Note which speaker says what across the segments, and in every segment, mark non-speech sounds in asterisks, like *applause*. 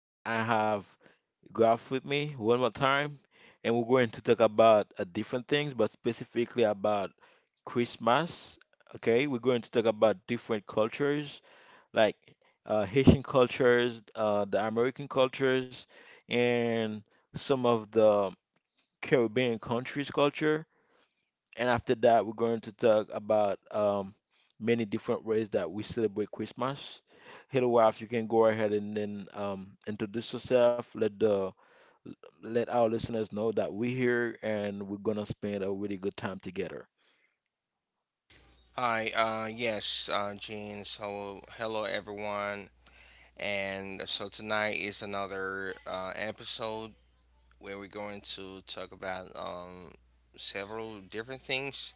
Speaker 1: and I have Graph with me one more time, and we're going to talk about different things, but specifically about Christmas. Okay, we're going to talk about different cultures, like Haitian cultures, the American cultures, and some of the Caribbean countries' culture. And after that, we're going to talk about many different ways that we celebrate Christmas. Hello, wife, you can go ahead and then introduce yourself. Let our listeners know that we're here and we're gonna spend a really good time together.
Speaker 2: Hi, Gene. Hello, everyone. And tonight is another episode where we're going to talk about several different things,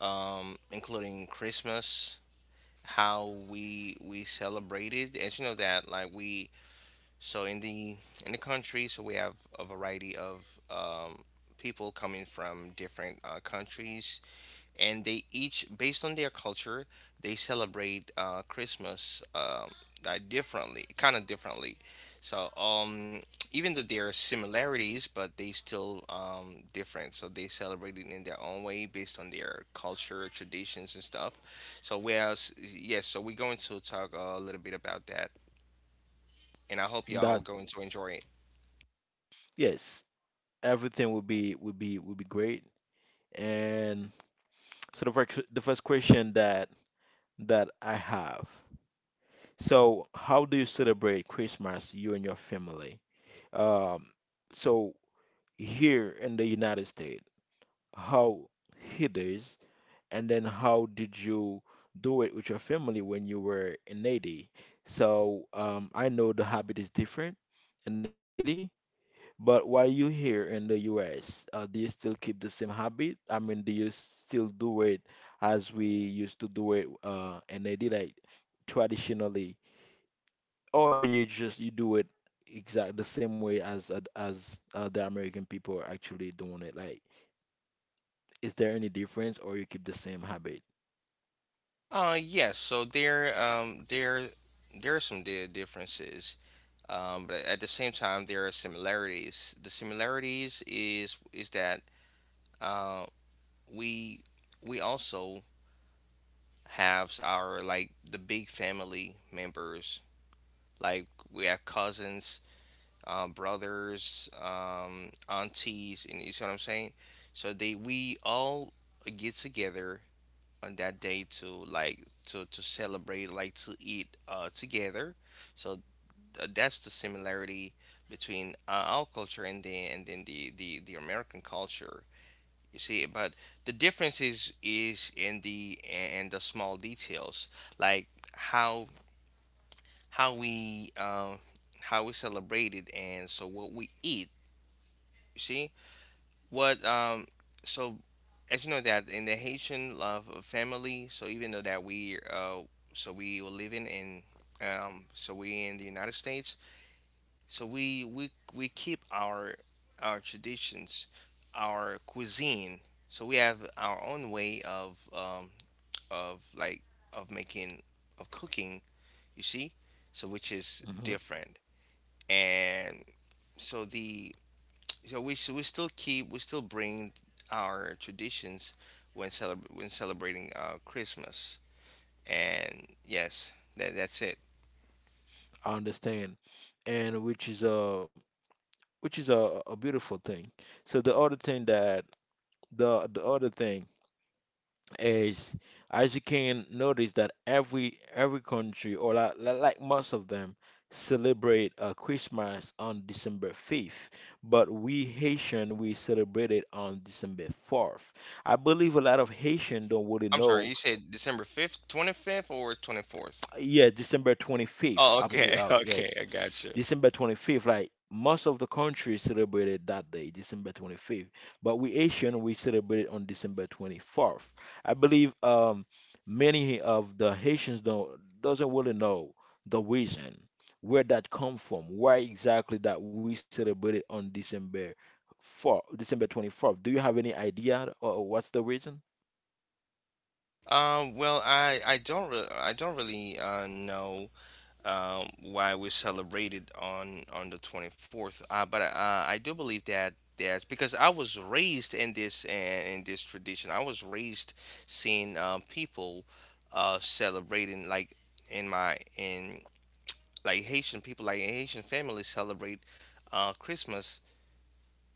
Speaker 2: including Christmas, how we celebrate it. As you know, that like we so in the in the country, so we have a variety of people coming from different countries, and they each, based on their culture, they celebrate christmas differently kind of differently. so um, Even though there are similarities, but they still different, so they celebrate it in their own way based on their culture, traditions and stuff. So whereas Yes, so we're going to talk a little bit about that, and I hope y'all
Speaker 1: That's
Speaker 2: going to enjoy.
Speaker 1: Yes, everything will be great. And so the first question that I have. So how do you celebrate Christmas, you and your family? Um, so here in the United States, how he does, and then how did you do it with your family when you were in Haiti? So I know the habit is different in Haiti, but while you here in the US, do you still keep the same habit? I mean, do you still do it as we used to do it in Haiti, like traditionally, or you just you do it exact the same way as the American people are actually doing it, like? Is there any difference or you keep the same habit?
Speaker 2: Yes. There are some differences, but at the same time, there are similarities. The similarities is that uh, we we also have, our like, the big family members. Like, we have cousins, brothers, aunties, and you see what I'm saying. So they we all get together on that day to, like, to celebrate, like to eat together. So that's the similarity between our culture and the and then the American culture, you see. But the difference is in the small details, like how how we um we celebrate it, and what we eat, you see. What so As you know that in the Haitian love of family, so even though that we so we were living in so we in the United States, so we keep our traditions, our cuisine. So we have our own way of like of making of cooking, you see? So which is
Speaker 1: Hmm.
Speaker 2: different. And so the so we still keep we still bring our traditions when when celebrating Christmas. And yes, that's it.
Speaker 1: I understand. And which is a beautiful thing. So the other thing is, as you can notice that every country, or like, like most of them, celebrate Christmas on December 5th, but we Haitian we celebrate it on December 4th. I believe a lot of Haitian don't really
Speaker 2: I'm sorry,
Speaker 1: know.
Speaker 2: you said December 5th, 25th or 24th?
Speaker 1: Yeah, December 25th.
Speaker 2: Oh,
Speaker 1: I believe,
Speaker 2: okay, *laughs* okay,
Speaker 1: yes.
Speaker 2: I got you.
Speaker 1: December 25th, like most of the countries celebrated that day, December 25th. But we Asian, we celebrate on December 24th. I believe many of the Haitians don't doesn't really know the reason where that come from, why exactly that we celebrated on December 4th, December 24th. Do you have any idea or what's the reason?
Speaker 2: Well, I don't really know why we celebrated on the 24th. But I do believe that that's because I was raised in this tradition. I was raised seeing people celebrating, like, in my in like Haitian people, like Haitian families celebrate Christmas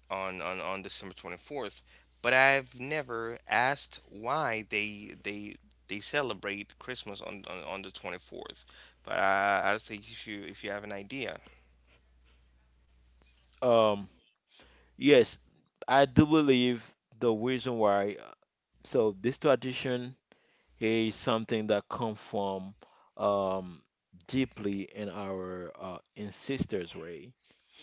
Speaker 2: on December 24th, but I've never asked why they celebrate Christmas on the 24th. But I think, if you, if you have an idea.
Speaker 1: Um, yes, I do believe the reason why. So this tradition is something that come from um, deeply in our ancestors' way.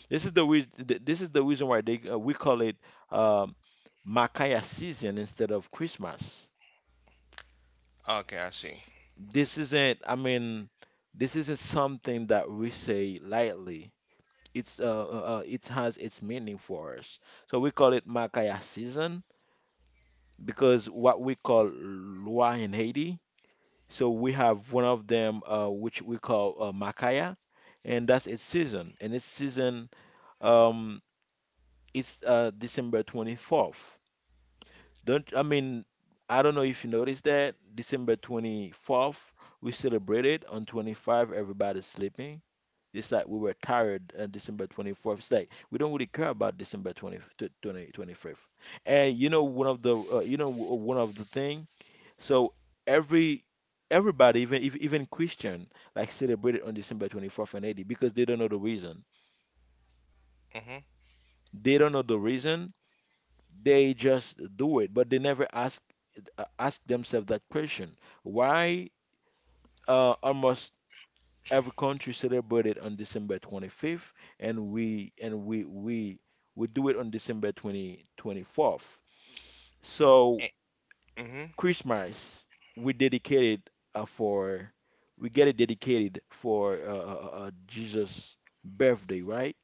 Speaker 1: This is the reason. This is the reason why they we call it um, Makaya season instead of Christmas.
Speaker 2: Okay, I see.
Speaker 1: This isn't. I mean, this isn't something that we say lightly. It's it has its meaning for us. So we call it Makaya season because what we call Lua in Haiti. So we have one of them, which we call Makaya, and that's its season. And its season um, is December 24th. Don't I mean I don't know if you noticed that December 24th we celebrated on 25 everybody's sleeping. It's like we were tired on December 24th. It's like we don't really care about December twenty fifth. And you know one of the one of the thing. So every everybody, even Christian, like celebrated on December 24th and 80 because they don't know the reason.
Speaker 2: Mhm.
Speaker 1: They don't know the reason, they just do it, but they never ask ask themselves that question. Why almost every country celebrated on December 25th, and we do it on December twenty twenty fourth. So
Speaker 2: Mm mhm.
Speaker 1: Christmas we dedicated uh, for we get it dedicated for Jesus' birthday, right?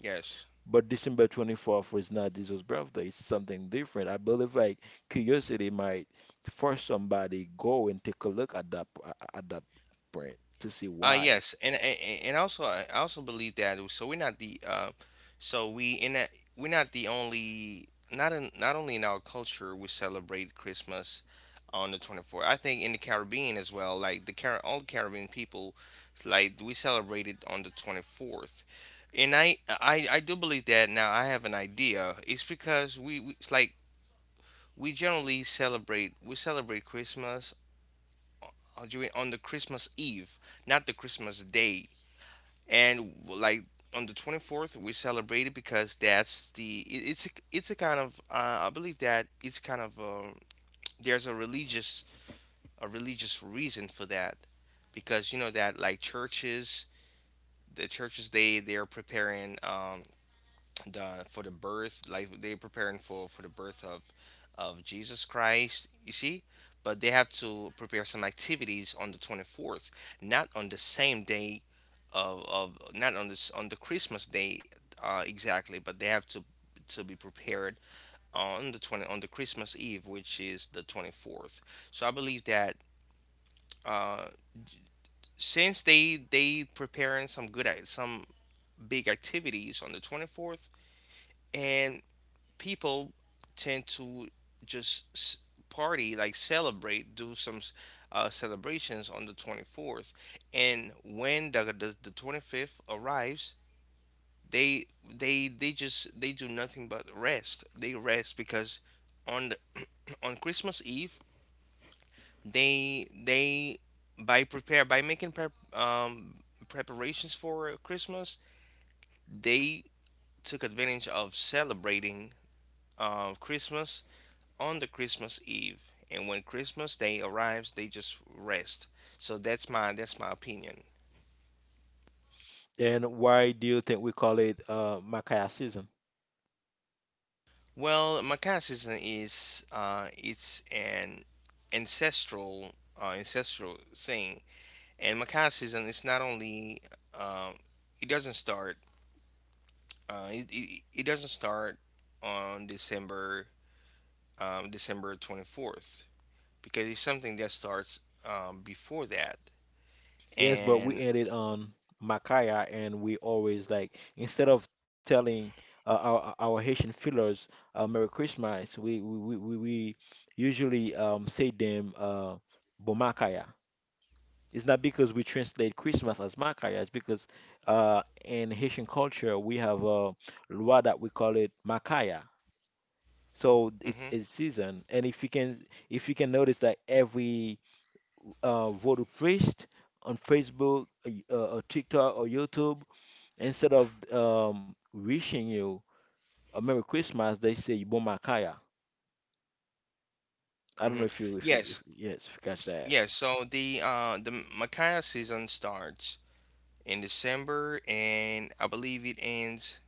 Speaker 2: Yes.
Speaker 1: But December 24th was not Jesus' birthday. It's something different. I believe like curiosity might force somebody go and take a look at that, at that print, to see why.
Speaker 2: Yes, and also I also believe that so we're not the so we in that we're not the only, not only in our culture we celebrate Christmas on the 24th. I think in the Caribbean as well, like the Car all Caribbean people, like we celebrate it on the 24th. And I do believe that now I have an idea. It's because we it's like we celebrate Christmas on the Christmas Eve, not the Christmas Day. And, like, on the 24th we celebrate it because that's it's it's a kind of, I believe that it's kind of, there's a religious, a religious reason for that, because you know that, like, churches, the churches, they're preparing, the for the birth, like they're preparing for the birth of Jesus Christ, you see. But they have to prepare some activities on the 24th, not on the same day of not on this on the Christmas Day, exactly, but they have to be prepared on the 20 on the Christmas Eve, which is the 24th. So I believe that, uh since they preparing some some big activities on the 24th, and people tend to just party, like celebrate, do some celebrations on the 24th. And when the 25th arrives, they they just, they do nothing but rest. They rest because on the, *clears throat* on Christmas Eve, they, by prepare, by making preparations for Christmas, they took advantage of celebrating, of Christmas, on the Christmas Eve, and when Christmas Day arrives, they just rest. So that's my opinion.
Speaker 1: And why do you think we call it Micaiah season?
Speaker 2: Well, Macaw season is, it's an ancestral, ancestral thing, and Macaw season is not only, um, it doesn't start, it doesn't start on December 24th, because it's something that starts, before that,
Speaker 1: Yes, but we
Speaker 2: and
Speaker 1: ended on Micaiah, and we always, like, instead of telling our Haitian fillers Merry Christmas, we usually say them Bon Micaiah. It's not because we translate Christmas as Makaya, it's because in Haitian culture we have a loi that we call it Makaya. So
Speaker 2: mhm.
Speaker 1: it's a season, and if you can notice that every voodoo priest on Facebook, or TikTok, or YouTube, instead of wishing you a Merry Christmas, they say Bon Makaya. I don't know
Speaker 2: Mhm.
Speaker 1: if you if you
Speaker 2: Yes,
Speaker 1: if yes if you catch that.
Speaker 2: yes. So the, the Makaya season starts in December, and I believe it ends,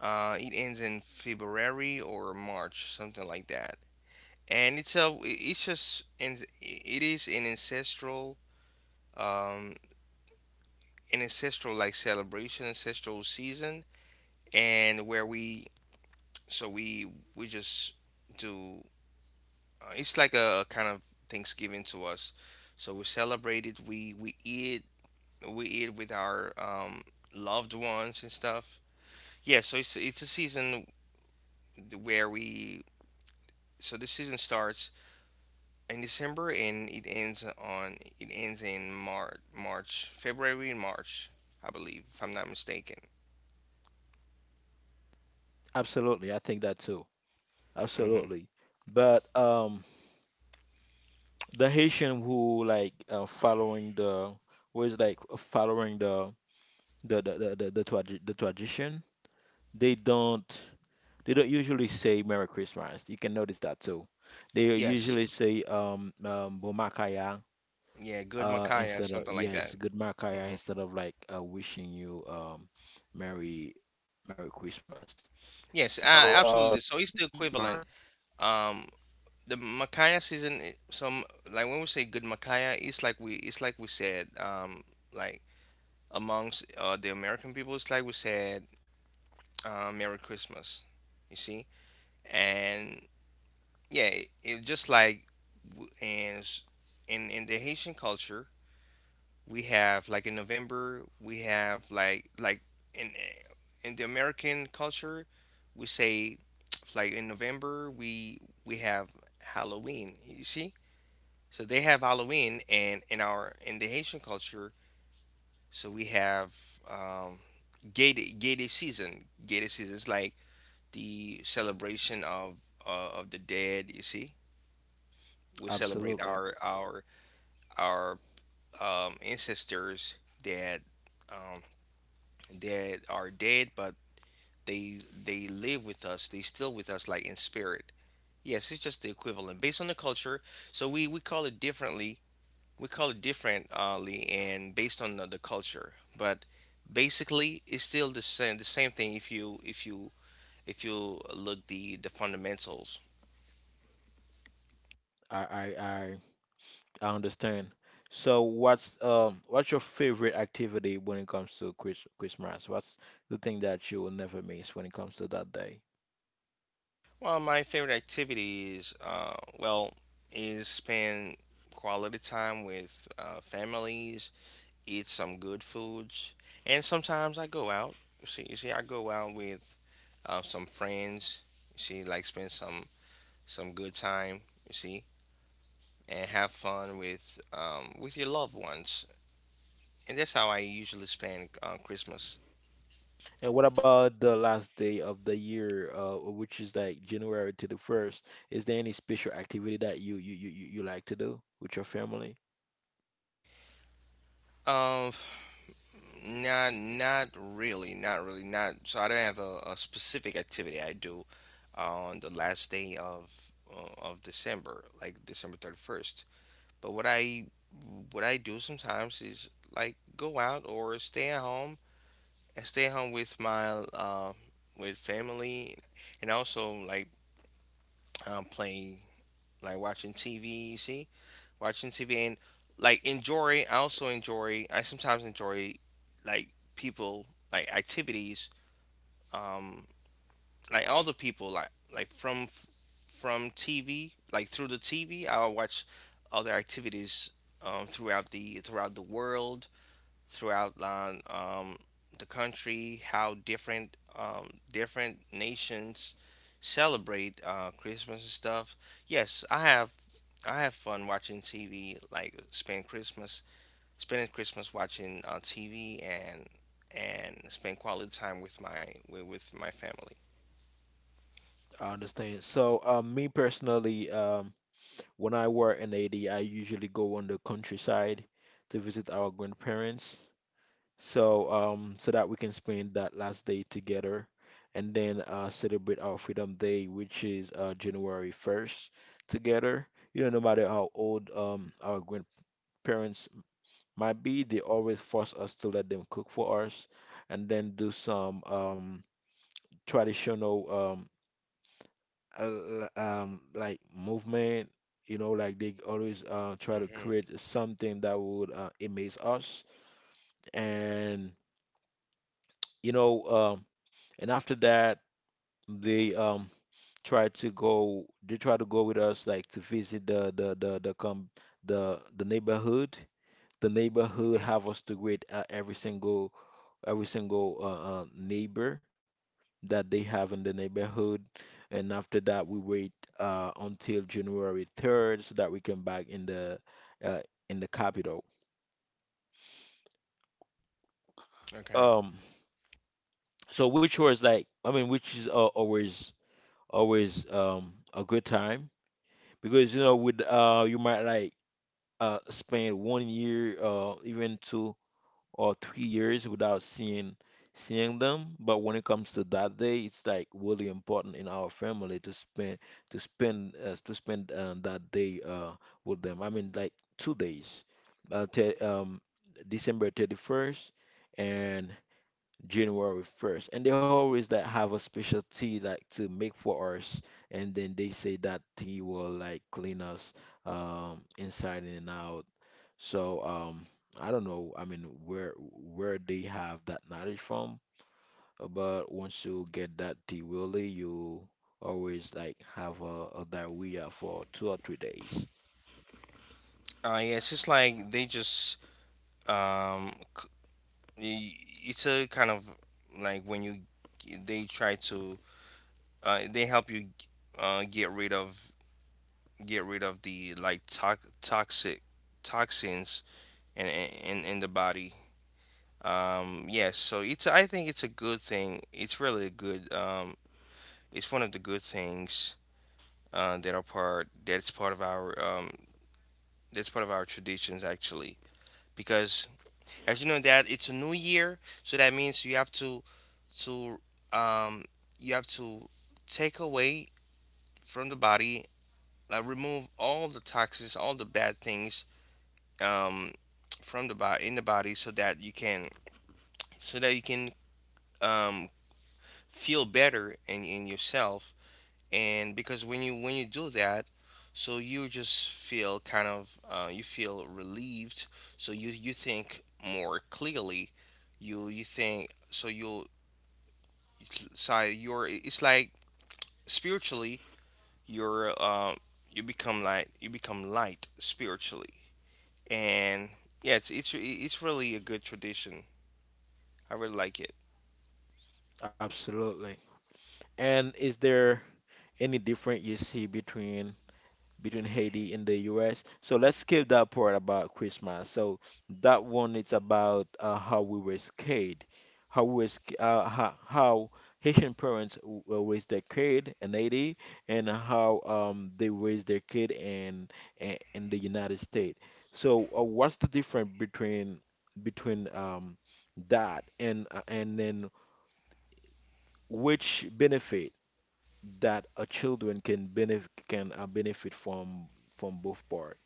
Speaker 2: it ends in February or March, something like that. And it's, a it's just and it is an ancestral, um an ancestral, like, celebration, ancestral season, and where so we we just do, it's like a kind of Thanksgiving to us. So we celebrate it. We eat, we eat with our, loved ones and stuff. Yeah, so it's a season where we, so the season starts in December and it ends on, it ends in March, February and March, I believe, if I'm not mistaken.
Speaker 1: Absolutely, I think that too.
Speaker 2: Hmm.
Speaker 1: Absolutely, but the Haitian who, like, following the, who is like following the tradition. They don't they don't usually say Merry Christmas. You can notice that too. They
Speaker 2: Yes,
Speaker 1: usually say Bomakaya,
Speaker 2: yeah, good Makaya,
Speaker 1: instead of,
Speaker 2: something like that.
Speaker 1: yes, good Makaya,
Speaker 2: Hmm.
Speaker 1: instead of, like, wishing you Merry Christmas.
Speaker 2: Yes,
Speaker 1: So
Speaker 2: absolutely. So
Speaker 1: mhm,
Speaker 2: it's
Speaker 1: go
Speaker 2: the
Speaker 1: ahead.
Speaker 2: equivalent. Um, the Makaya season, I- some like when we say good Makaya, it's like we said, like amongst the American people, it's like we said, Merry Christmas, you see, and yeah, it just like, w- and s- in the Haitian culture, we have, like, in November, we have like in eh, in the American culture, we say *tsk* like in November we have Halloween, you see. So they have Halloween, and in our in the Haitian culture, so we have. Um, Gay Day, Gay Day season. Gay Day season is like the celebration of, of the dead. You see, we
Speaker 1: Absolutely.
Speaker 2: celebrate our ancestors that, um, that are dead, but they they live with us. They still with us, like in spirit. Yes, it's just the equivalent based on the culture. So we call it differently. We call it differently, and based on the culture, but basically it's still the same, the same thing, if you, if you look the fundamentals.
Speaker 1: I I I I understand. So what's what's your favorite activity when it comes to Christmas? What's the thing that you will never miss when it comes to that day?
Speaker 2: Well, my favorite activities, is spend quality time with families, eat some good foods, and sometimes I go out. You see, I go out with, some friends. You see, like spend some good time. You see, and have fun with, with your loved ones, and that's how I usually spend Christmas.
Speaker 1: And what about the last day of the year, which is like January to the first? Is there any special activity that you like to do with your family?
Speaker 2: Um, Not, not really, not. So I don't have a specific activity I do on the last day of, December, like December 31st. But what I, what I do sometimes is like go out or stay at home, with my, with family, and also like, play like watching TV, watching TV and like enjoy. I also enjoy. I sometimes enjoy, like, people, like activities. Um, like all the people, like from TV, like through the TV. I'll watch other activities throughout the world, throughout line, the country, how different, different nations celebrate Christmas and stuff. Yes, I have fun watching TV, like spend Christmas, spending Christmas watching TV, and spend quality time with my, with my family.
Speaker 1: I understand. So, me personally, when I were in AD, I usually go on the countryside to visit our grandparents. So, so that we can spend that last day together, and then celebrate our Freedom Day, which is January 1st, together. You know, no matter how old our grandparents might be, they always force us to let them cook for us, and then do some traditional, uh, like, movement. You know, like they always try to
Speaker 2: Hmm.
Speaker 1: create something that would amaze us. And, you know, and after that, they try to go with us, like, to visit the neighborhood, have us to greet every single neighbor that they have in the neighborhood, and after that we wait until January 3rd so that we can back in the, uh, in the capital,
Speaker 2: Okay.
Speaker 1: um which was like I mean which is, always, a good time. Because you know, with, you might like, spend one year, even two or three years without seeing them. But when it comes to that day, it's like really important in our family to spend, that day, with them. I mean, like, two days, te December 31st and January 1st. And they always like have a special tea, like, to make for us, and then they say that tea will like clean us inside and out. So I don't know. I mean, where they have that knowledge from, but once you get that tea willy, you always like have a diarrhea for two or three days.
Speaker 2: Yeah, it's just like they just, um, c- y- it's a kind of, like, when you, they try to, they help you, get rid of, get rid of the like toxic toxins in the body. Yes, so it's, I think it's a good thing. It's really a good. It's one of the good things, that are part that's part of our, that's part of our traditions, actually. Because as you know that it's a new year, so that means you have to, to um, you have to take away from the body, remove all the toxins, all the bad things, um, from the body, in the body, so that you can, so that you can, um, feel better in yourself. And because when you, when you do that, so you just feel kind of, you feel relieved. So you think more clearly. You think so you So you're, it's like spiritually you're, you become, like, you become light spiritually, and yeah, it's really a good tradition. I really like it.
Speaker 1: Absolutely. And is there any difference you see between Haiti and the US? So let's skip that part about Christmas. So that one is about how we were scared, how we were, sc- how Haitian parents raised their kid in Haiti, and how they raised their kid in the United States. So what's the difference between, that, and then which benefit that a children can benefit, can benefit from, both parts?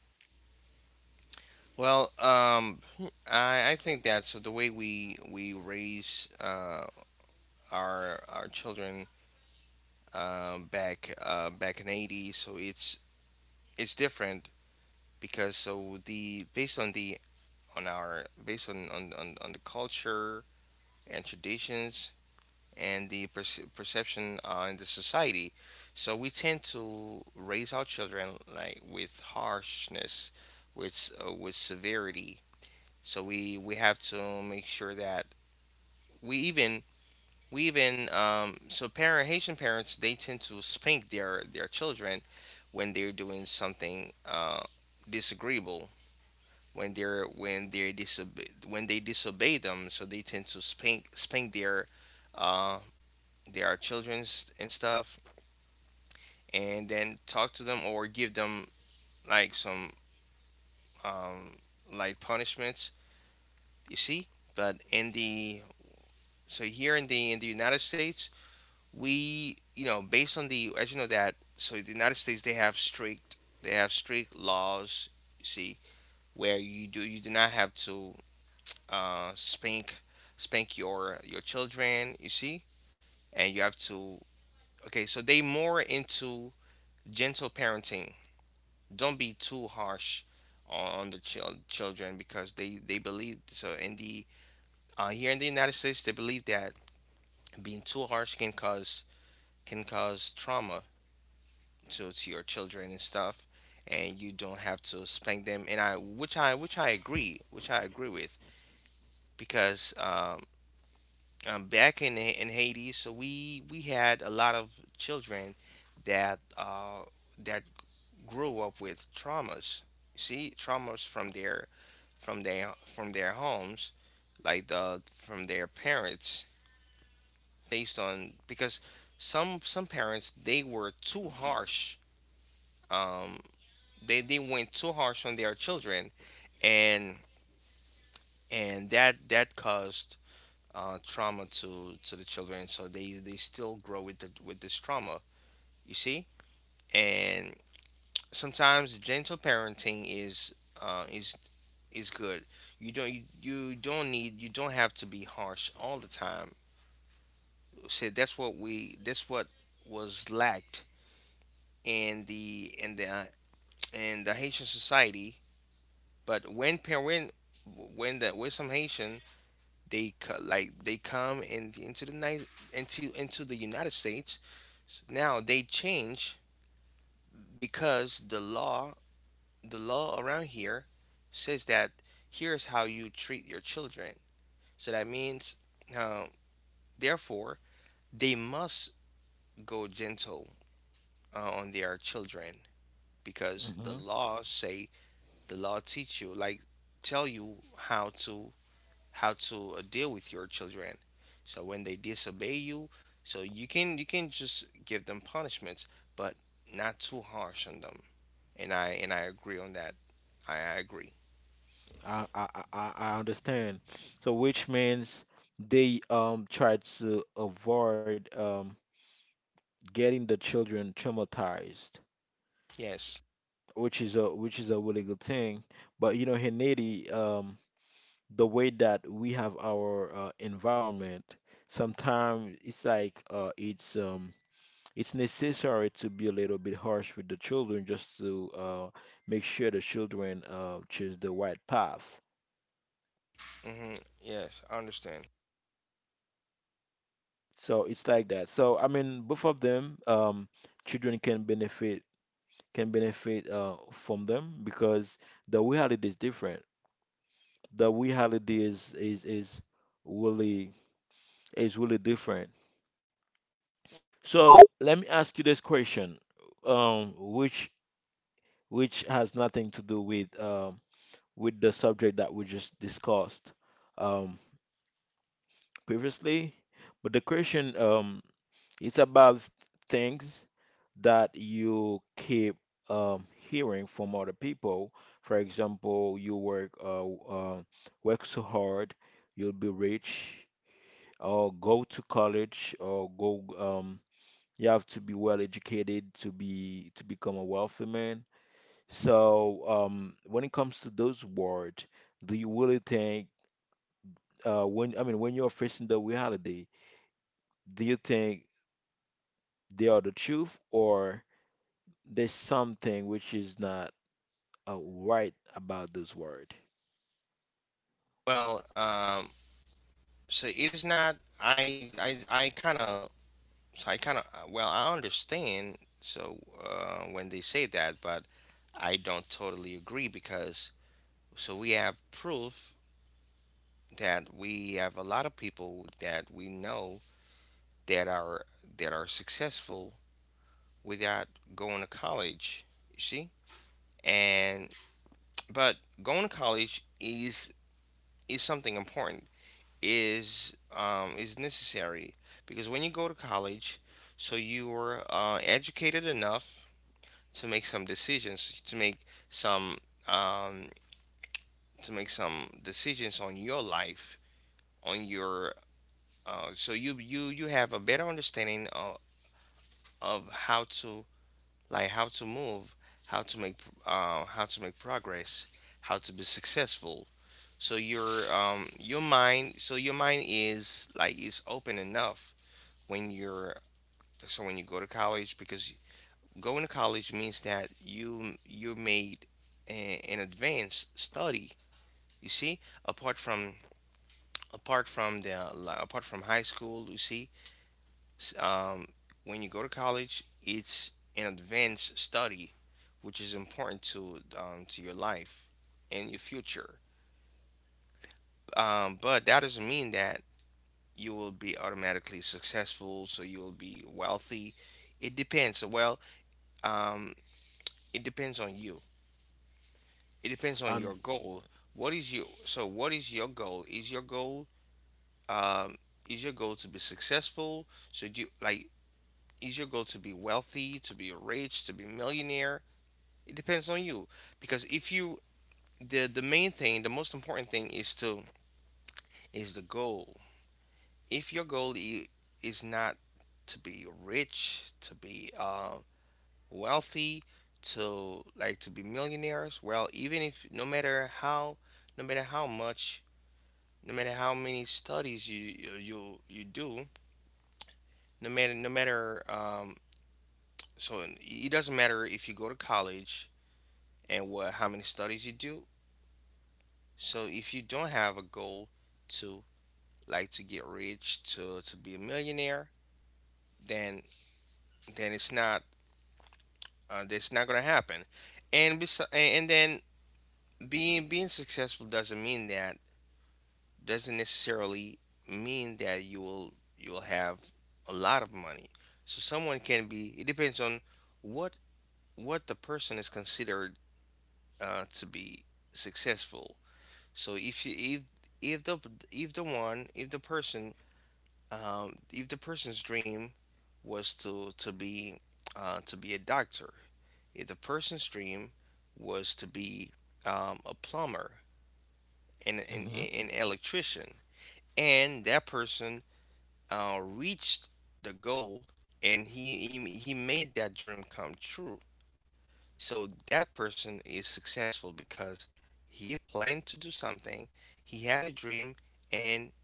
Speaker 2: Well, I think that so the way we raise our children back in 80, so it's different because so the based on the on our based on the culture and traditions and the perception in the society. So we tend to raise our children like with harshness, with severity. So we have to make sure that we even we even so parent Haitian parents they tend to spank their children when they're doing something disagreeable, when they're when they disobey them, so they tend to spank their, uh, they are children's and stuff, and then talk to them or give them like some um, like punishments. You see, but in the so here in the United States, we based on the, as you know that, so the United States they have strict laws. You see, where you do not have to uh, spank spank your children. You see, and you have to, okay. So they more into gentle parenting. Don't be too harsh on the children because they believe, so in the here in the United States they believe that being too harsh can cause, can cause trauma to, your children and stuff, and you don't have to spank them, and I which I which I agree with, because back in in Haiti, so we had a lot of children that uh that grew up with traumas, see traumas from their from their from their homes, like the from their parents, based on, because some parents they were too harsh. Um, they went too harsh on their children, and that caused trauma to the children. So they still grow with the, with this trauma. You see, and sometimes gentle parenting is is good. You don't you, you don't need you don't have to be harsh all the time. Said that's what we that's what was lacked in the in the Haitian society. But when parent when the with some Haitian, they they come in, into the United States, now they change because the law around here says that here's how you treat your children. So that means, uh, therefore, they must go gentle on their children because
Speaker 1: Hmm.
Speaker 2: the law teach you, like tell you how to deal with your children, so when they disobey you, so you can just give them punishments, but not too harsh on them, and I agree on that. I agree.
Speaker 1: I understand. So which means they try to avoid getting the children traumatized,
Speaker 2: Yes.
Speaker 1: which is a, really good thing. But you know, in Haiti, the way that we have our environment, sometimes it's like, it's necessary to be a little bit harsh with the children just to make sure the children choose the right path.
Speaker 2: Hmm. Yes, I understand.
Speaker 1: So it's like that. So I mean, both of them, children can benefit, can benefit from them, because the reality is different. The reality is really, different. So let me ask you this question, which, has nothing to do with, with the subject that we just discussed um, previously, but the question, is about things that you keep hearing from other people. For example, you work, work so hard, you'll be rich, or go to college, or go. You have to be well educated to become a wealthy man. So when it comes to those words, do you really think, when I mean, when you're facing the reality, do you think they are the truth, or there's something which is not right about this word.
Speaker 2: Well, so it is not, I kind of. So I kind of, well, I understand. So when they say that, but I don't totally agree because so we have proof that we have a lot of people that we know that are that are successful without going to college. You see, and but going to college is something important, is necessary because when you go to college, so you're educated enough to make some decisions, some um, to make some decisions on your life, on your, so you have a better understanding of how to, like how to move, how to make, how to make progress, how to be successful. So your, your mind, so your mind is like is open enough when you're, so when you go to college because going to college means that you made a, an advanced study. You see, apart from, apart from the apart from high school, you see. S- um, when you go to college, it's an advanced study, which is important to, to your life and your future. But that doesn't mean that you will be automatically successful, so you will be wealthy. It depends. Well, um, it depends on you. It depends on your
Speaker 1: And
Speaker 2: goal. What is your goal? Is your goal, um is your goal to be successful? So do you, like, is your goal to be wealthy, to be rich, to be millionaire? It depends on you because if you the main thing, the most important thing is the goal. If your goal is not to be rich, to be wealthy, to like to be millionaires, well, even if, no matter how, no matter how much no matter how many studies you do, no matter no matter so it doesn't matter if you go to college and what how many studies you do. So if you don't have a goal to, like, to get rich, to be a millionaire, then then it's not, that's not gonna happen. And bes- and then being successful doesn't mean that, doesn't necessarily mean that you'll have a lot of money. So someone can be. It depends on what, the person is considered to be successful. So if you if the if the one if the person, if the person's dream was to be, to be a doctor, if the person's dream was to be, a plumber and
Speaker 1: Hmm.
Speaker 2: an electrician, and that person, reached the goal, and he made that dream come true. So that person is successful because he planned to do something, he had a dream, and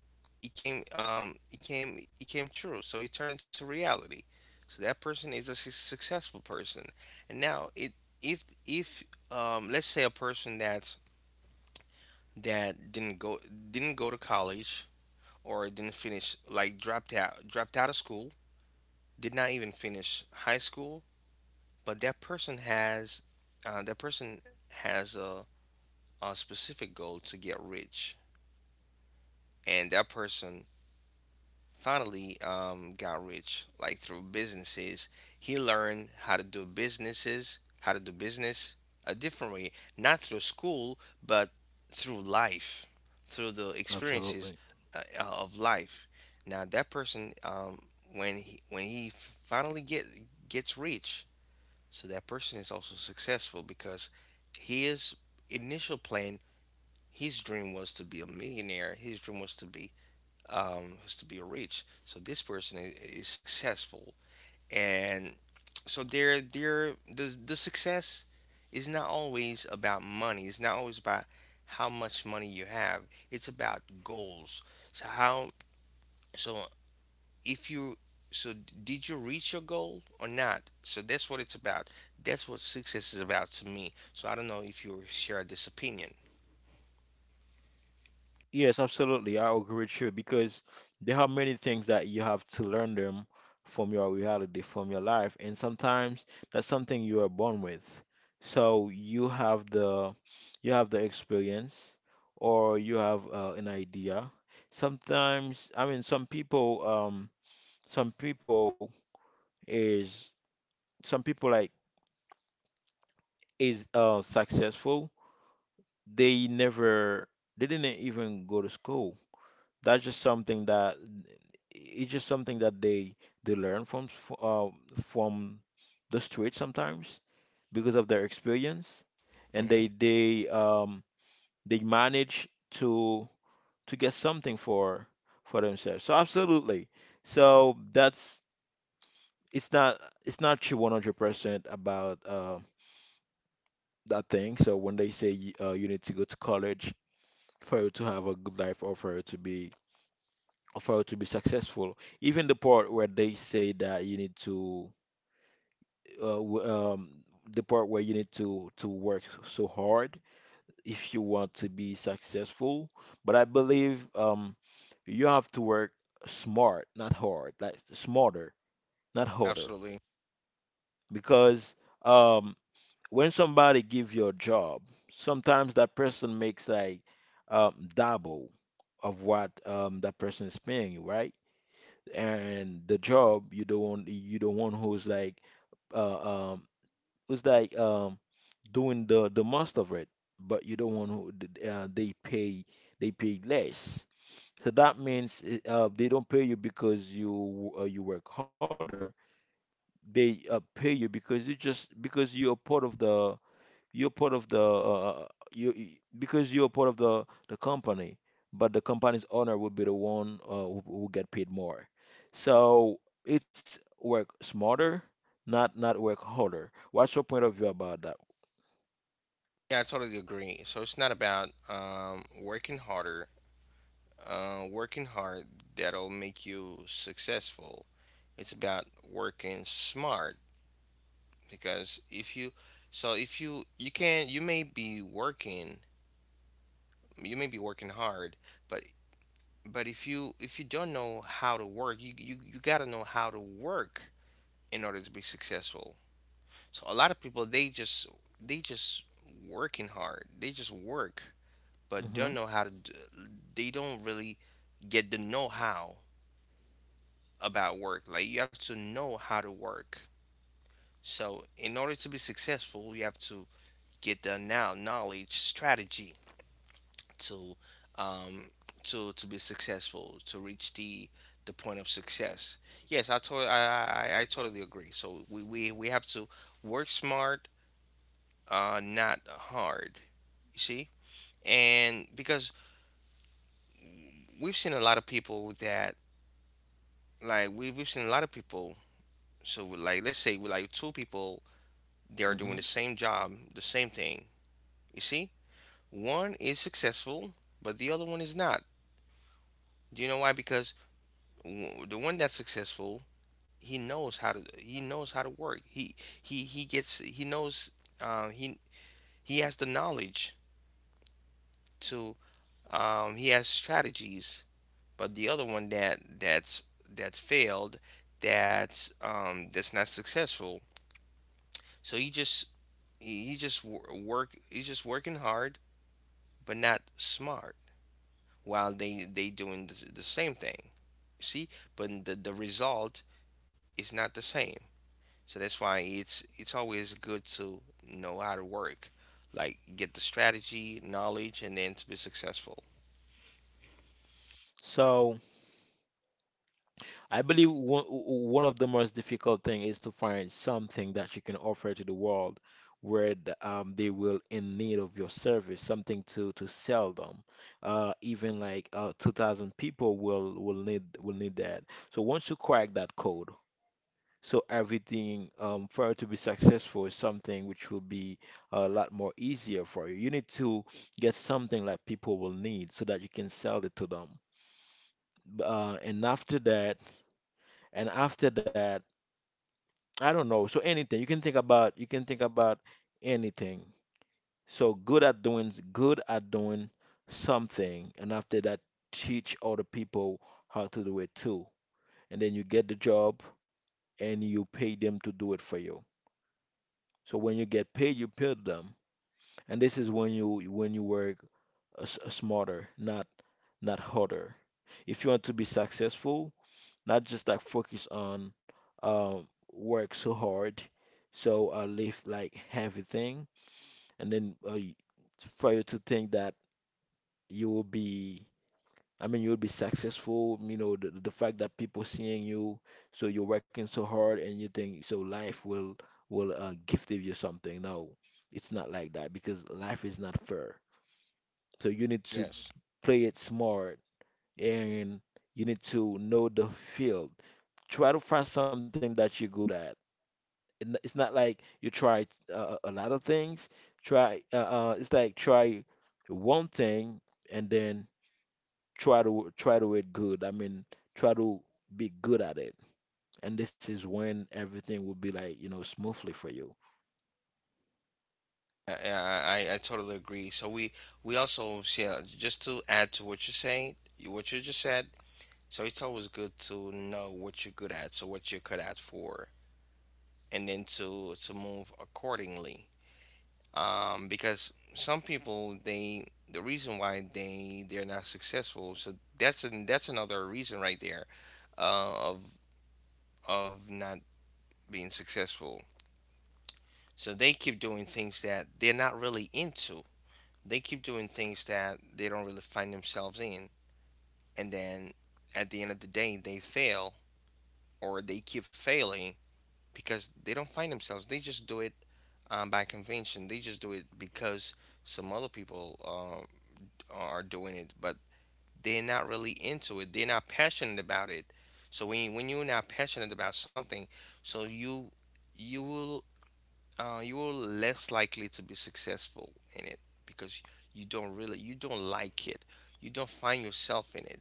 Speaker 2: it came true. So it turned into reality. So that person is a successful person. And now it, if let's say a person that, that didn't go didn't go to college, or didn't finish, like dropped out of school, did not even finish high school, but that person has a specific goal to get rich, and that person finally, got rich like through businesses. He learned how to do businesses, how to do business a different way, not through school, but through life, through the experiences,
Speaker 1: Absolutely.
Speaker 2: of life. Now that person, when he finally gets rich, so that person is also successful because his initial plan, his dream was to be a millionaire. His dream was to be, was to be rich. So this person is successful, and so the success is not always about money. It's not always about how much money you have. It's about goals. So how, so if you so did you reach your goal or not, so that's what it's about. That's what success is about to me. So I don't know if you share this opinion.
Speaker 1: Yes, absolutely, I agree with you because there are many things that you have to learn them from your reality, from your life, and sometimes that's something you are born with. So you have the experience, or you have an idea. Sometimes, I mean, some people is some people like is successful. they never they didn't even go to school. That's just something that It's just something that they learn from from the street sometimes because of their experience, and
Speaker 2: Hmm.
Speaker 1: they they manage to get something for themselves so absolutely. So that's it's not it's not you 100% about that thing. So when they say you need to go to college for you to have a good life, or for you to be successful. Even the part where they say that you need to uh, w- um, the part where you need to work so hard if you want to be successful. But I believe you have to work smart, not hard, like smarter, not harder,
Speaker 2: Absolutely.
Speaker 1: because um, when somebody give you a job, sometimes that person makes like double of what that person is paying you, right? And the job you don't want you not want uh um who's like doing the most of it, but you don't want who they pay. They pay less. So that means they don't pay you because you you work harder. They pay you because you, just because you're part of the you're part of the you you- because you're part of the company. But the company's owner will be the one who get paid more. So it's work smarter, not work harder. What's your point of view about that?
Speaker 2: Yeah, I totally agree. So it's not about, working harder, working hard, that'll make you successful. It's about working smart because if you so if you you can, you may be working hard, but But if you don't know how to work, you gotta know how to work in order to be successful. So a lot of people they just, they just working hard. They just work, but
Speaker 1: Hmm.
Speaker 2: don't know how to. D They don't really get the know-how about work. Like you have to know how to work. So in order to be successful, you have to get the now knowledge strategy to, um, to be successful, to reach the point of success. Yes, I totally agree. So we have to work smart, not hard. You see, and because we've seen a lot of people that like we we've seen a lot of people. So like, let's say we, like, two people, they are doing
Speaker 1: Hmm.
Speaker 2: the same job, the same thing. You see, one is successful, but the other one is not. Do you know why? Because the one that's successful, he knows how to work. He knows, um, he he has the knowledge to, he has strategies. But the other one that's failed, that's, that's not successful. So he just wor- work he's just working hard, but not smart, while they doing the same thing. See, but the result is not the same. So that's why it's always good to know how to work, like get the strategy, knowledge, and then to be successful.
Speaker 1: So I believe one of the most difficult thing is to find something that you can offer to the world where the, they will in need of your service, something to sell them. Even like 2,000 people will will need that. So once you crack that code, so everything for it to be successful is something which will be a lot more easier for you. You need to get something that people will need so that you can sell it to them. And after that, and after that I don't know. So anything you can think about, you can think about anything. So good at doing something, and after that, teach other people how to do it too. And then you get the job and you pay them to do it for you. So when you get paid, you pay them, and this is when you work smarter, not harder. If you want to be successful, not just like focus on um, work so hard, so live like heavy thing and then for you to think that you will be, I mean you'll be successful, you know, the fact that people seeing you, so you're working so hard and you think so life will gift you something. No, it's not like that because life is not fair. So you need to
Speaker 2: Yes,
Speaker 1: play it smart, and you need to know the field. Try to find something that you're good at. It's not like you try a lot of things. Try it's like try one thing and then try to it good. I mean, try to be good at it. And this is when everything will be like, you know, smoothly for you.
Speaker 2: I totally agree. So we also, yeah, just to add to what you're saying, what you just said. So it's always good to know what you're good at, so what you're good at for, and then to move accordingly. Because some people the reason why they're not successful, so that's another reason right there of not being successful. So they keep doing things that they're not really into. They keep doing things that they don't really find themselves in, and then at the end of the day they fail, or they keep failing because they don't find themselves. They just do it, by convention. They just do it because some other people are doing it, but they're not really into it. They're not passionate about it. So when you're not passionate about something, so you will you will less likely to be successful in it, because you don't like it. You don't find yourself in it.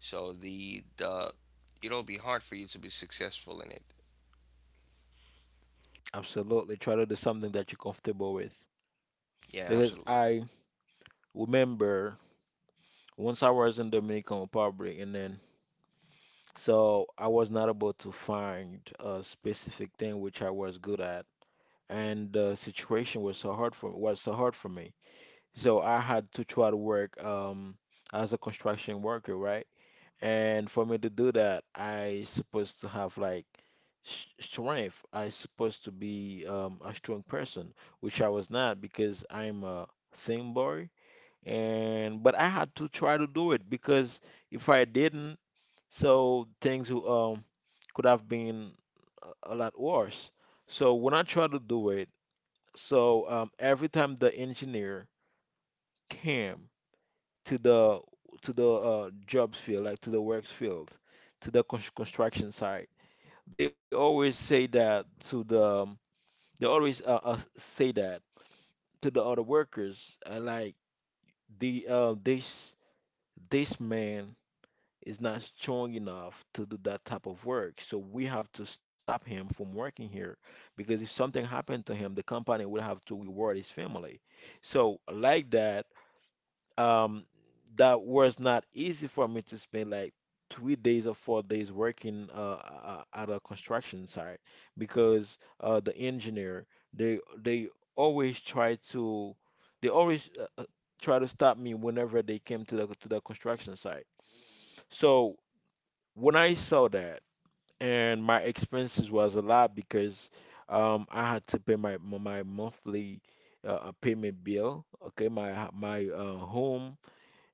Speaker 2: So the it'll be hard for you to be successful in it.
Speaker 1: Absolutely. Try to do something that you're comfortable with.
Speaker 2: Yeah,
Speaker 1: Because
Speaker 2: absolutely.
Speaker 1: I remember once I was in Dominican Republic, and then so I was not able to find a specific thing which I was good at. And the situation was so hard for me. So I had to try to work as a construction worker, right? And for me to do that, I supposed to have like strength. I supposed to be a strong person, which I was not because I'm a thin boy. And but I had to try to do it because if I didn't, so things could have been a lot worse. So when I tried to do it, so every time the engineer came to the jobs field, like to the works field, to the construction site, they always say that to the they always say that to the other workers, like the this man is not strong enough to do that type of work, so we have to stop him from working here because if something happened to him, the company would have to reward his family. So like that, um that was not easy for me to spend like 3 days or 4 days working at a construction site, because the engineer, they always try to, they always try to stop me whenever they came to the construction site. So when I saw that, and my expenses was a lot because I had to pay my monthly payment bill, okay, my home,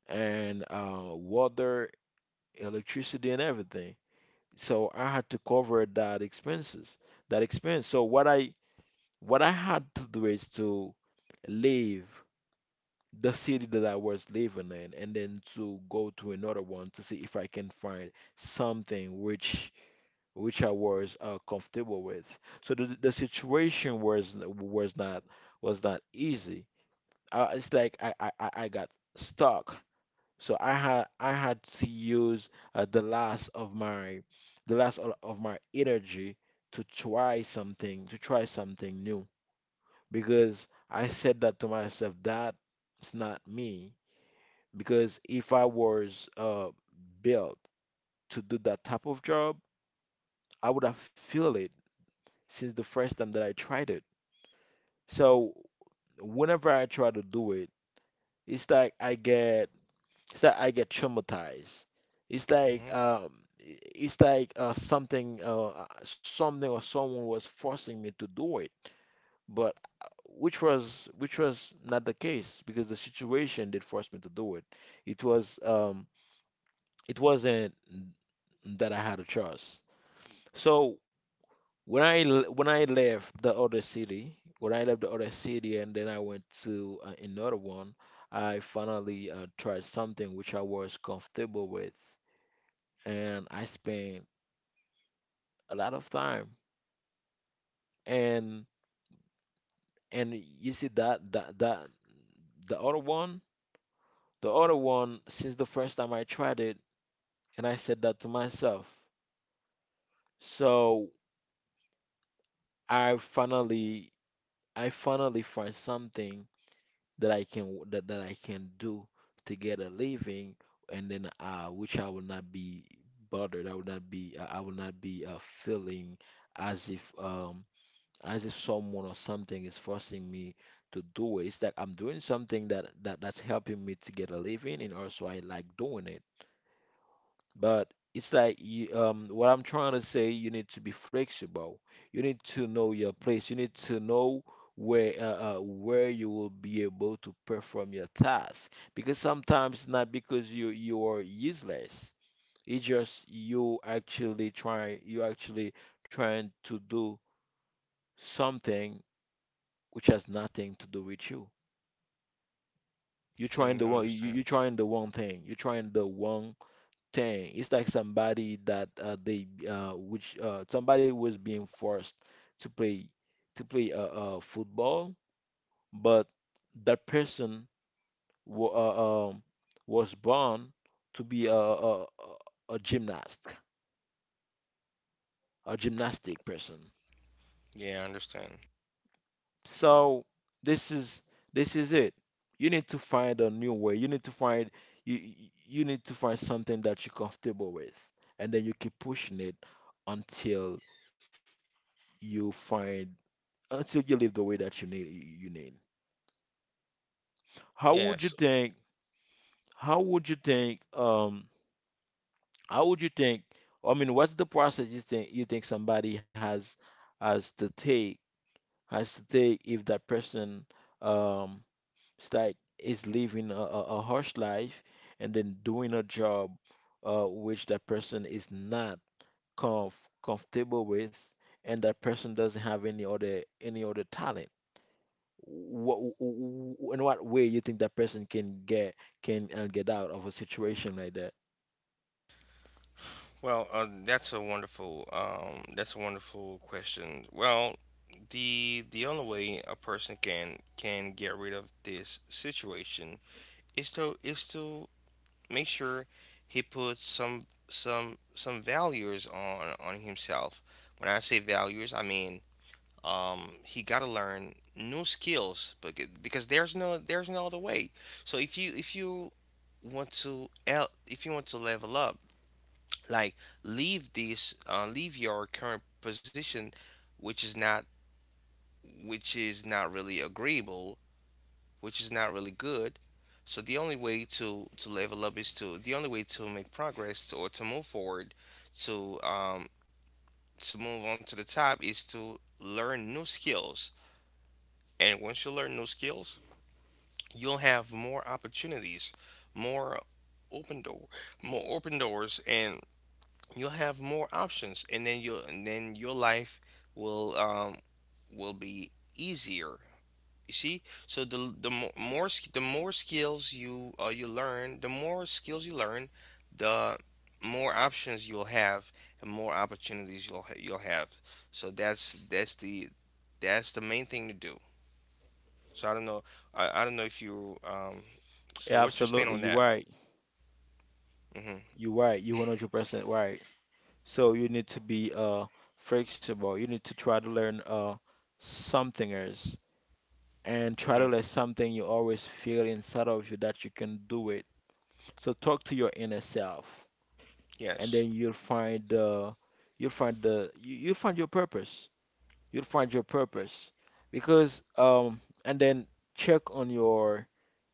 Speaker 1: and water, electricity, and everything. So I had to cover that expenses, that expense. So what I had to do is to leave the city that I was living in, and then to go to another one to see if I can find something which I was comfortable with. So the situation was was not easy. It's like I got stuck. So I had to use the last of my the last of my energy to try something, to try something new, because I said that to myself, that's not me, because if I was built to do that type of job, I would have feel it since the first time that I tried it. So whenever I try to do it, it's like I get, it's that I get traumatized. It's like
Speaker 2: Mm-hmm.
Speaker 1: it's like something something or someone was forcing me to do it, but which was not the case because the situation did force me to do it. It was it wasn't that I had a choice. So when when I left the other city, and then I went to another one, I finally tried something which I was comfortable with, and I spent a lot of time. And and you see that that the other one, since the first time I tried it, and I said that to myself. So I finally find something that I can do to get a living, and then which I will not be bothered. I will not be feeling as if um as if someone or something is forcing me to do it. It's like I'm doing something that that's helping me to get a living, and also I like doing it. But it's like you, what I'm trying to say, you need to be flexible. You need to know your place. You need to know where you will be able to perform your task. Because sometimes it's not because you are useless. It's just you actually try, you actually trying to do something which has nothing to do with you.
Speaker 2: Mm, I understand.
Speaker 1: You're trying the one thing. You're trying the one thing. It's like somebody that they which somebody was being forced to play to play football, but that person wa was born to be a gymnast, a gymnastic person.
Speaker 2: Yeah, I understand.
Speaker 1: So this is, this is it. You need to find a new way. You need to find, you you need to find something that you're comfortable with, and then you keep pushing it until you find, until you live the way that you need. How would you
Speaker 2: Yes.
Speaker 1: think? How would you think? How would you think? I mean, what's the process you think somebody has to take, if that person um it's like is living a, a harsh life and then doing a job which that person is not comf- comfortable with, and that person doesn't have any other, talent. What in what way you think that person can get, can get out of a situation like that?
Speaker 2: Well, that's a wonderful question. Well, the only way a person can get rid of this situation is to make sure he puts some some values on himself. When I say values, I mean he got to learn new skills, but because there's no other way. So if you want to if you want to level up, like leave this leave your current position, which is not which is not really agreeable, which is not really good. So the only way to level up is to, the only way to make progress to, or to move forward, to um to move on to the top, is to learn new skills. And once you learn new skills, you'll have more opportunities, more open door more open doors, and you'll have more options, and then your life will um will be easier. You see, so the more skills you learn, the more skills you learn, the more options you'll have, and more opportunities you'll have. So that's that's the main thing to do. So I don't know, I don't know if you, so
Speaker 1: Yeah,
Speaker 2: what's your stand
Speaker 1: absolutely,
Speaker 2: on
Speaker 1: you're
Speaker 2: that?
Speaker 1: right.
Speaker 2: Mm-hmm.
Speaker 1: You're right. You're 100% right. So you need to be flexible. You need to try to learn something else, and try
Speaker 2: Mm-hmm.
Speaker 1: to let something you always feel inside of you that you can do it. So talk to your inner self, and
Speaker 2: Yes.
Speaker 1: then you'll find you'll find you'll find your purpose, because and then check on your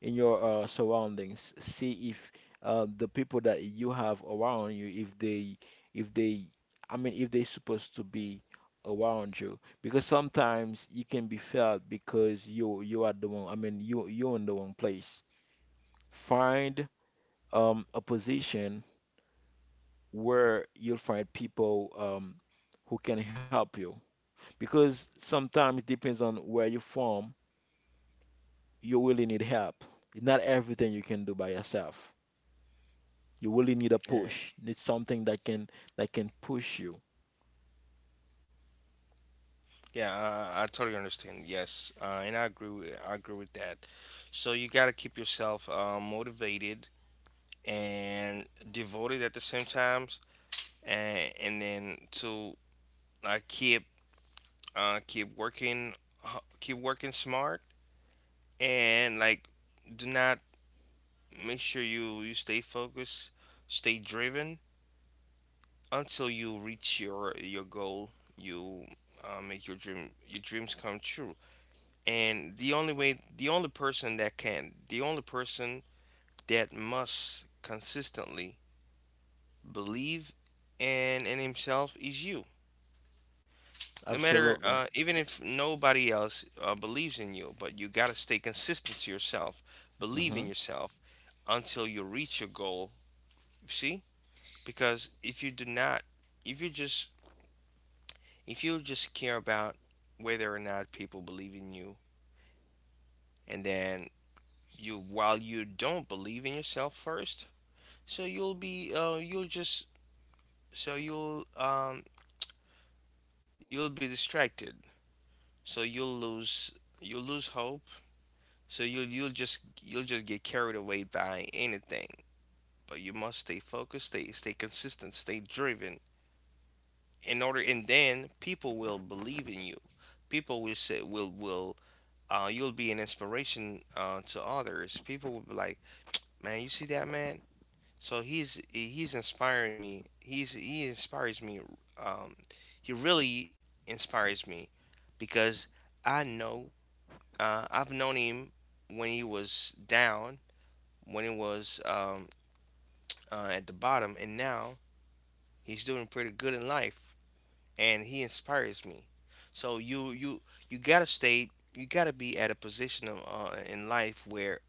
Speaker 1: in your surroundings, see if the people that you have around you, if they, I mean, if they supposed to be around you. Because sometimes you can be felt because you are the one. I mean, you're in the wrong place. Find a position where you'll find people who can help you, because sometimes it depends on where you're from, you really need help. It's not everything you can do by yourself. You really need a
Speaker 2: Yeah.
Speaker 1: push. Need something that can push you.
Speaker 2: Yeah, I totally understand. Yes, and I agree. I agree with that. So you gotta keep yourself motivated and devoted at the same times, and then to keep keep working, keep working smart, and like do not, make sure you you stay focused, stay driven until you reach your goal. You make your dream your dreams come true. And the only way, the only person that can, the only person that must consistently believe in himself is you. No matter
Speaker 1: Absolutely.
Speaker 2: even if nobody else believes in you, but you got to stay consistent to yourself, believe
Speaker 1: Hmm.
Speaker 2: in yourself until you reach your goal. See, because if you do not, if you just if you just care about whether or not people believe in you, and then you while you don't believe in yourself first. So you'll be you'll just so you'll be distracted. So you'll lose, you'll lose hope. So you'll just get carried away by anything. But you must stay focused, stay consistent, stay driven. In order, and then people will believe in you. People will say will you'll be an inspiration to others. People will be like, "Man, you see that man? So he's inspiring me. He's, he inspires me. Um, he really inspires me because I know I've known him when he was down, when he was at the bottom, and now he's doing pretty good in life, and he inspires me." So you gotta stay. You gotta be at a position of, in life where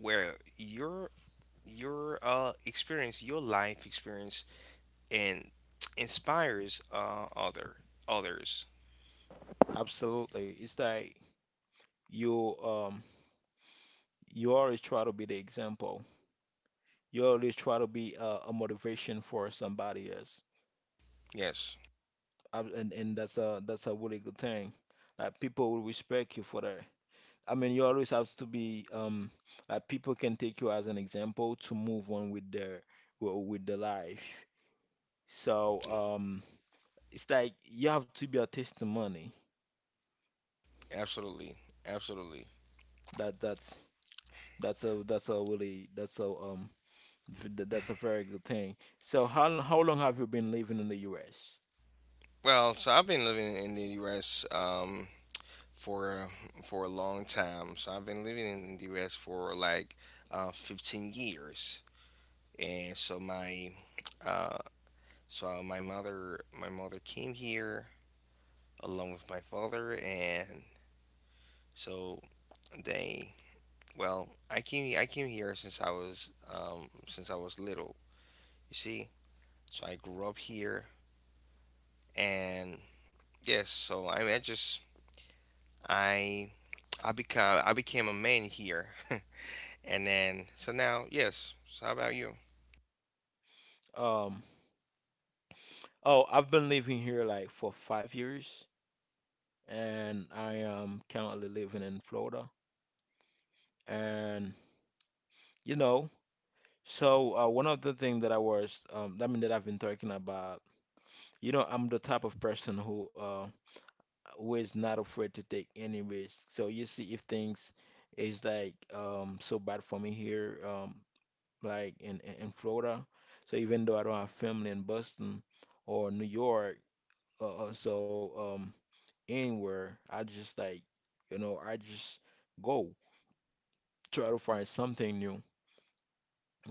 Speaker 2: where your experience, your life experience, and inspires others.
Speaker 1: Absolutely. It's like you you always try to be the example. You always try to be a motivation for somebody else.
Speaker 2: Yes,
Speaker 1: And that's a really good thing. Like, people will respect you for that. I mean, you always have to be like people can take you as an example to move on with their, well, with their life. So um it's like you have to be a testimony.
Speaker 2: absolutely, absolutely.
Speaker 1: That that's a really that's a v- th- that's a very good thing. So how long have you been living in the US?
Speaker 2: Well, so I've been living in the U.S. For a long time. So I've been living in the U.S. for like 15 years, and so my uh, so my mother came here along with my father, and so they, well I came here since I was little. You see, so I grew up here, and yes, so I mean, I just I I became a man here, *laughs* and then so now yes. So how about you?
Speaker 1: Um oh, I've been living here like for 5 years, and I am currently living in Florida, and you know, so one of the things that I was, I mean that I've been talking about, you know, I'm the type of person who is not afraid to take any risk. So you see, if things is like so bad for me here, like in Florida, so even though I don't have family in Boston or New York, uh, uh, so um, anywhere, I just like, you know, I just go, try to find something new.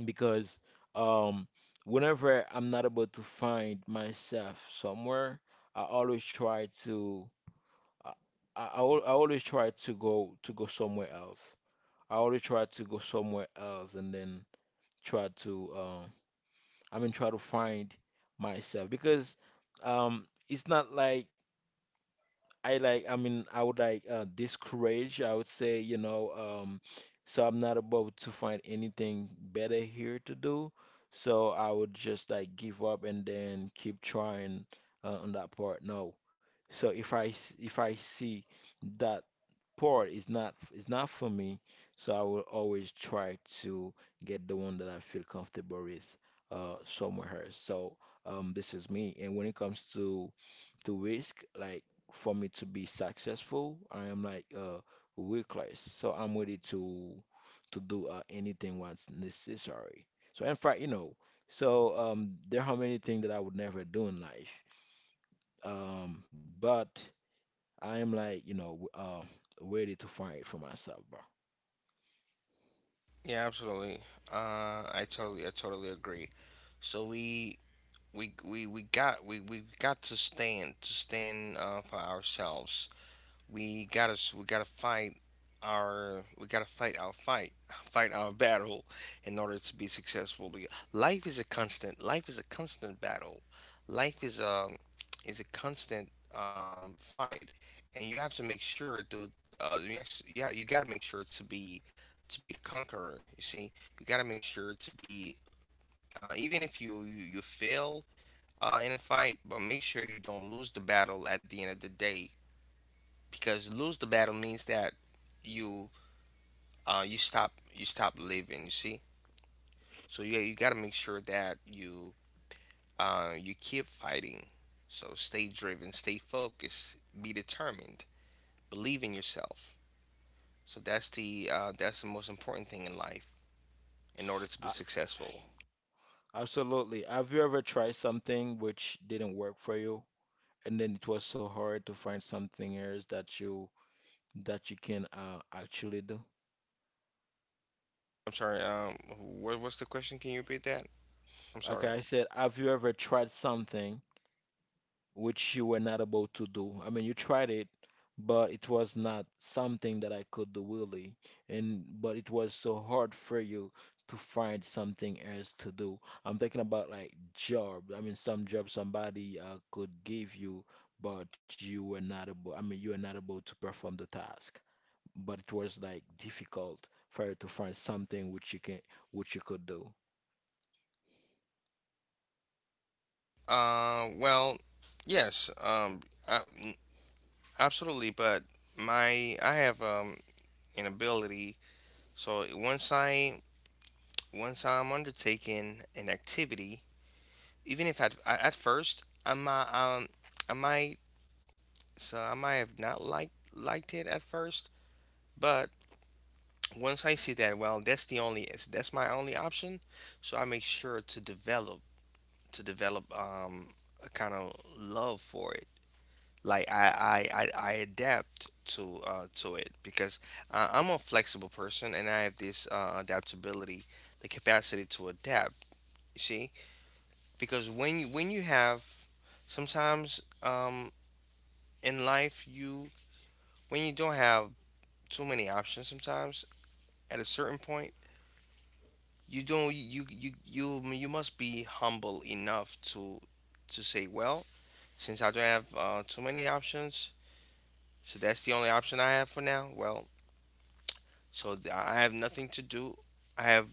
Speaker 1: Because um whenever I'm not able to find myself somewhere, I always try to I, I always try to go somewhere else. I always try to go somewhere else and then try to I mean try to find myself, because it's not like I like, I mean, I would like discourage, I would say, you know, um, so I'm not about to find anything better here to do. So I would just like give up and then keep trying on that part. No. So if I see that part is not for me, so I will always try to get the one that I feel comfortable with somewhere else. So this is me. And when it comes to risk, like for me to be successful, I am like reckless. So I'm ready to do anything what's necessary. So in fact, you know, there are many things that I would never do in life. Um, but I am like, you know, ready to find it for myself, bro.
Speaker 2: Yeah, absolutely. I totally I totally agree. So we got we got to stand, for ourselves. We gotta fight our we gotta fight our fight *laughs* fight our battle in order to be successful, because life is a constant, life is a constant battle. Life is a constant fight. And you have to make sure to you actually, yeah you gotta make sure to be, to be the conqueror. You see, you gotta make sure to be, even if you fail in a fight, but make sure you don't lose the battle at the end of the day, because lose the battle means that you you stop living. You see, so yeah, you gotta make sure that you you keep fighting. So stay driven, stay focused, be determined, believe in yourself. So that's the most important thing in life in order to be
Speaker 1: A-
Speaker 2: successful.
Speaker 1: Absolutely. Have you ever tried something which didn't work for you, and then it was so hard to find something else that you can, actually do?
Speaker 2: I'm sorry. What was the question? Can you repeat that? I'm
Speaker 1: Okay,
Speaker 2: sorry.
Speaker 1: I said, have you ever tried something which you were not able to do? I mean, you tried it, but it was not something that I could do really, and but it was so hard for you to find something else to do. I'm thinking about like job. I mean, some job somebody could give you, but you were not able. I mean, you were not able to perform the task, but it was like difficult for you to find something which which you could do.
Speaker 2: Well, yes, I, absolutely. But my I have an ability. So once I, once I'm undertaking an activity, even if at first I might I might I might have not liked it at first, but once I see that, well, that's the only that's my only option, so I make sure to develop, to develop a kind of love for it. Like I adapt to it, because I'm a flexible person and I have this adaptability, the capacity to adapt. You see, because when you have sometimes in life you, when you don't have too many options, sometimes at a certain point you don't you you you you must be humble enough to say, well, since I don't have too many options, so that's the only option I have for now. Well, I have nothing to do. I have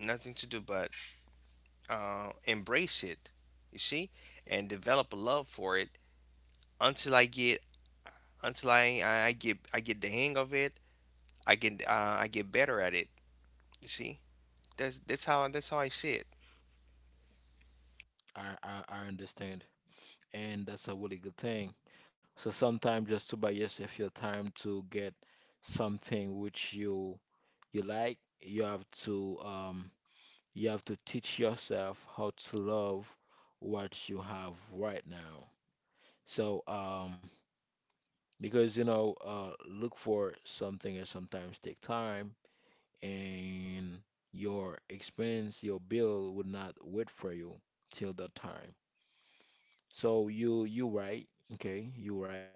Speaker 2: nothing to do but embrace it. You see, and develop a love for it until I get, until I get the hang of it. I get better at it. You see, that's that's how I see it.
Speaker 1: I understand. And that's a really good thing. So sometimes, just to buy yourself your time to get something which you like, you have to teach yourself how to love what you have right now. So because you know, look for something and sometimes take time, and your expense, your bill would not wait for you till that time. So you right. Okay, you right.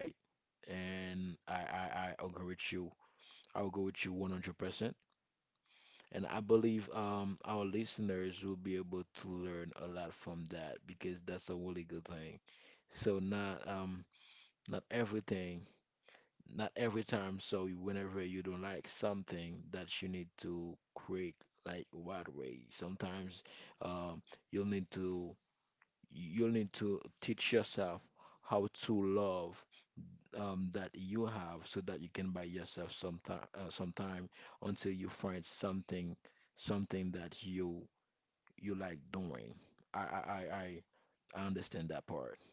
Speaker 1: And I agree with you. I'll go with you 100%. And I believe our listeners will be able to learn a lot from that, because that's a really good thing. So not not everything, not every time. So whenever you don't like something that you need to create like right away. Sometimes um you'll need to you'll need to teach yourself how to love that you have, so that you can buy yourself some time until you find something, something that you like doing. I I I I I understand that part.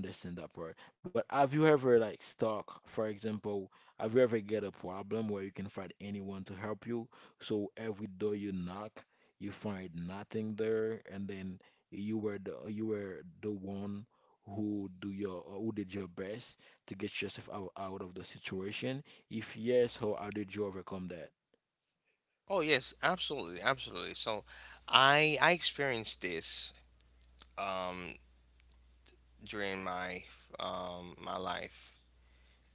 Speaker 1: I understand that part. But have you ever like stuck, for example, have you ever get a problem where you can find anyone to help you? So every door you knock, you find nothing there, and then you were the one who did your best to get yourself out of the situation. If yes, how did you overcome that?
Speaker 2: Oh yes, absolutely, absolutely. So, I experienced this um, during my my life,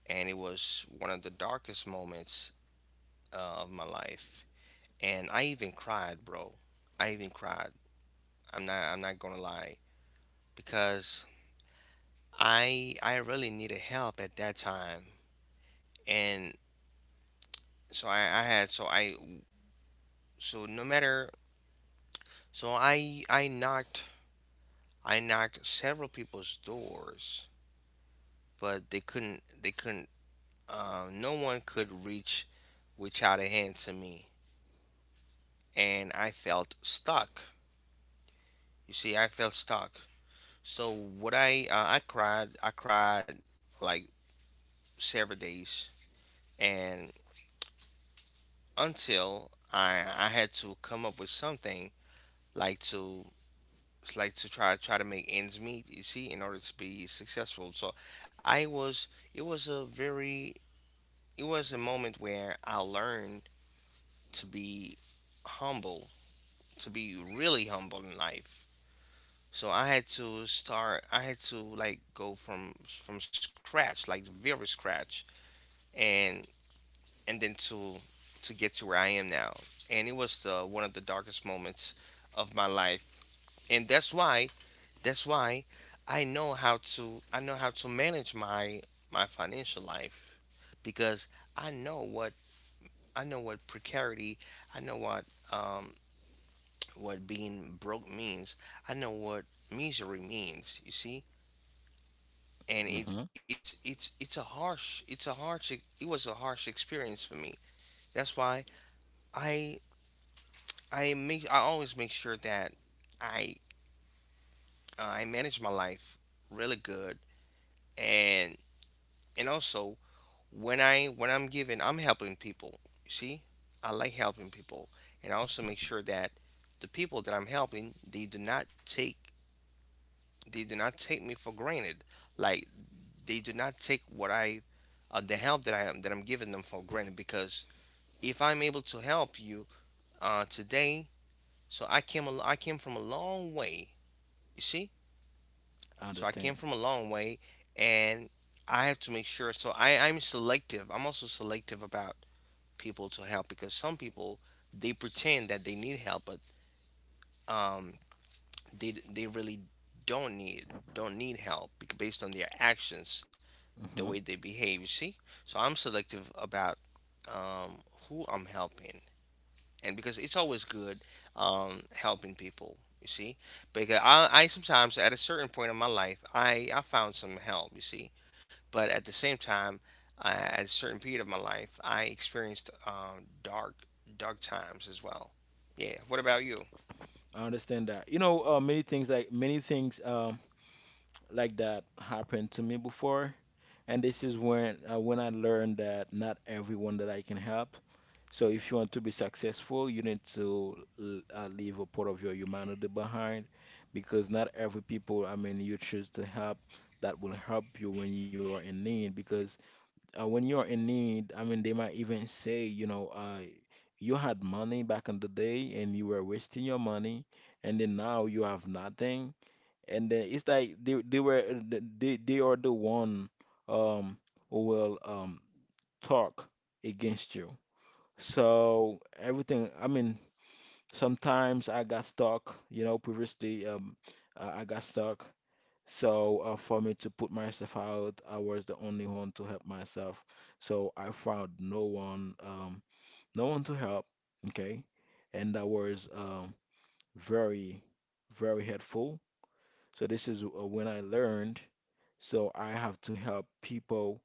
Speaker 2: and it was one of the darkest moments of my life. And I even cried, bro. I even cried. I'm not gonna lie, because I really needed help at that time, and so I had so I so no matter so I knocked, I knocked several people's doors, but they couldn't, no one could reach, reach out a hand to me, and I felt stuck. You see, I felt stuck. So what I cried, I cried like several days, and until I had to come up with something, like to, it's like to try, try to make ends meet, you see, in order to be successful. So I was it was a very it was a moment where I learned to be humble, to be really humble in life. So I had to start, I had to like go from scratch, like very scratch, and and then to get to where I am now. And it was the one of the darkest moments of my life, and that's why, that's why I know how to, I know how to manage my my financial life, because I know what, I know what precarity, I know um, what being broke means. I know what misery means, you see? And
Speaker 1: Hmm.
Speaker 2: it's a harsh, it was a harsh experience for me. That's why I I make, I always make sure that I I manage my life really good. and and also when I, when I'm giving, I'm helping people. You see, I like helping people, and I also make sure that the people that I'm helping, they do not take, they do not take me for granted. Like they do not take what I the help that I am, that I'm giving them for granted. Because if I'm able to help you today, so I came from a long way. You see,
Speaker 1: I
Speaker 2: so I came
Speaker 1: understand.
Speaker 2: from a long way, and I have to make sure. So I, I'm selective. I'm also selective about people to help, because some people, they pretend that they need help, but um, they really don't need, don't need help, based on their actions, the way
Speaker 1: Hmm.
Speaker 2: they behave. You see, so I'm selective about um, who I'm helping. And because it's always good helping people, you see, because I sometimes at a certain point in my life, I found some help, you see, but at the same time at a certain period of my life I experienced dark, dark times as well. Yeah, what about you?
Speaker 1: I understand that. You know, many things, like many things. Like that happened to me before, and this is when I learned that not everyone that I can help. So if you want to be successful, you need to leave a part of your humanity behind, because not every people, I mean, you choose to help that will help you when you are in need. Because when you are in need, I mean, they might even say, you know, you had money back in the day and you were wasting your money, and then now you have nothing, and then it's like they are the one, um who will talk against you. So everything, I mean, sometimes I got stuck, you know, previously I got stuck. So for me to put myself out, I was the only one to help myself. So I found no one, no one to help, okay? And that was very, very helpful. So this is when I learned, so I have to help people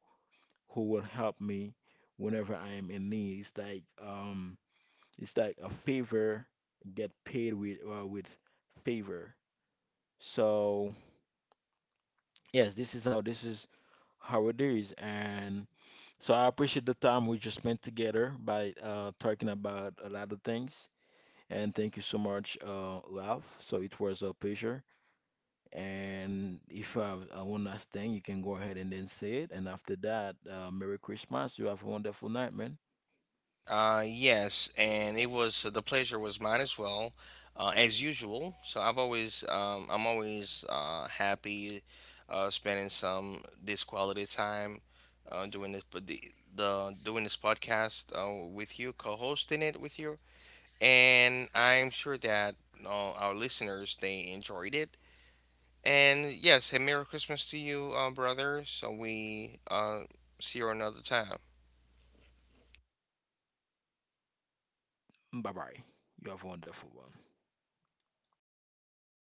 Speaker 1: who will help me whenever I am in need. It's like, it's like a favor get paid with favor. So yes, this is how, this is how it is, and so I appreciate the time we just spent together by talking about a lot of things. And thank you so much, Ralph. So it was a pleasure. And if you have one last thing, you can go ahead and then say it. And after that, Merry Christmas. You have a wonderful night, man.
Speaker 2: Yes, and it was the pleasure was mine as well, as usual. So I've always I'm always happy spending some this quality time doing this, but the, doing this podcast with you, co-hosting it with you, and I'm sure that our listeners, they enjoyed it. And yes, a Merry Christmas to you, brother. So we see you another time.
Speaker 1: Bye bye. You have a wonderful one.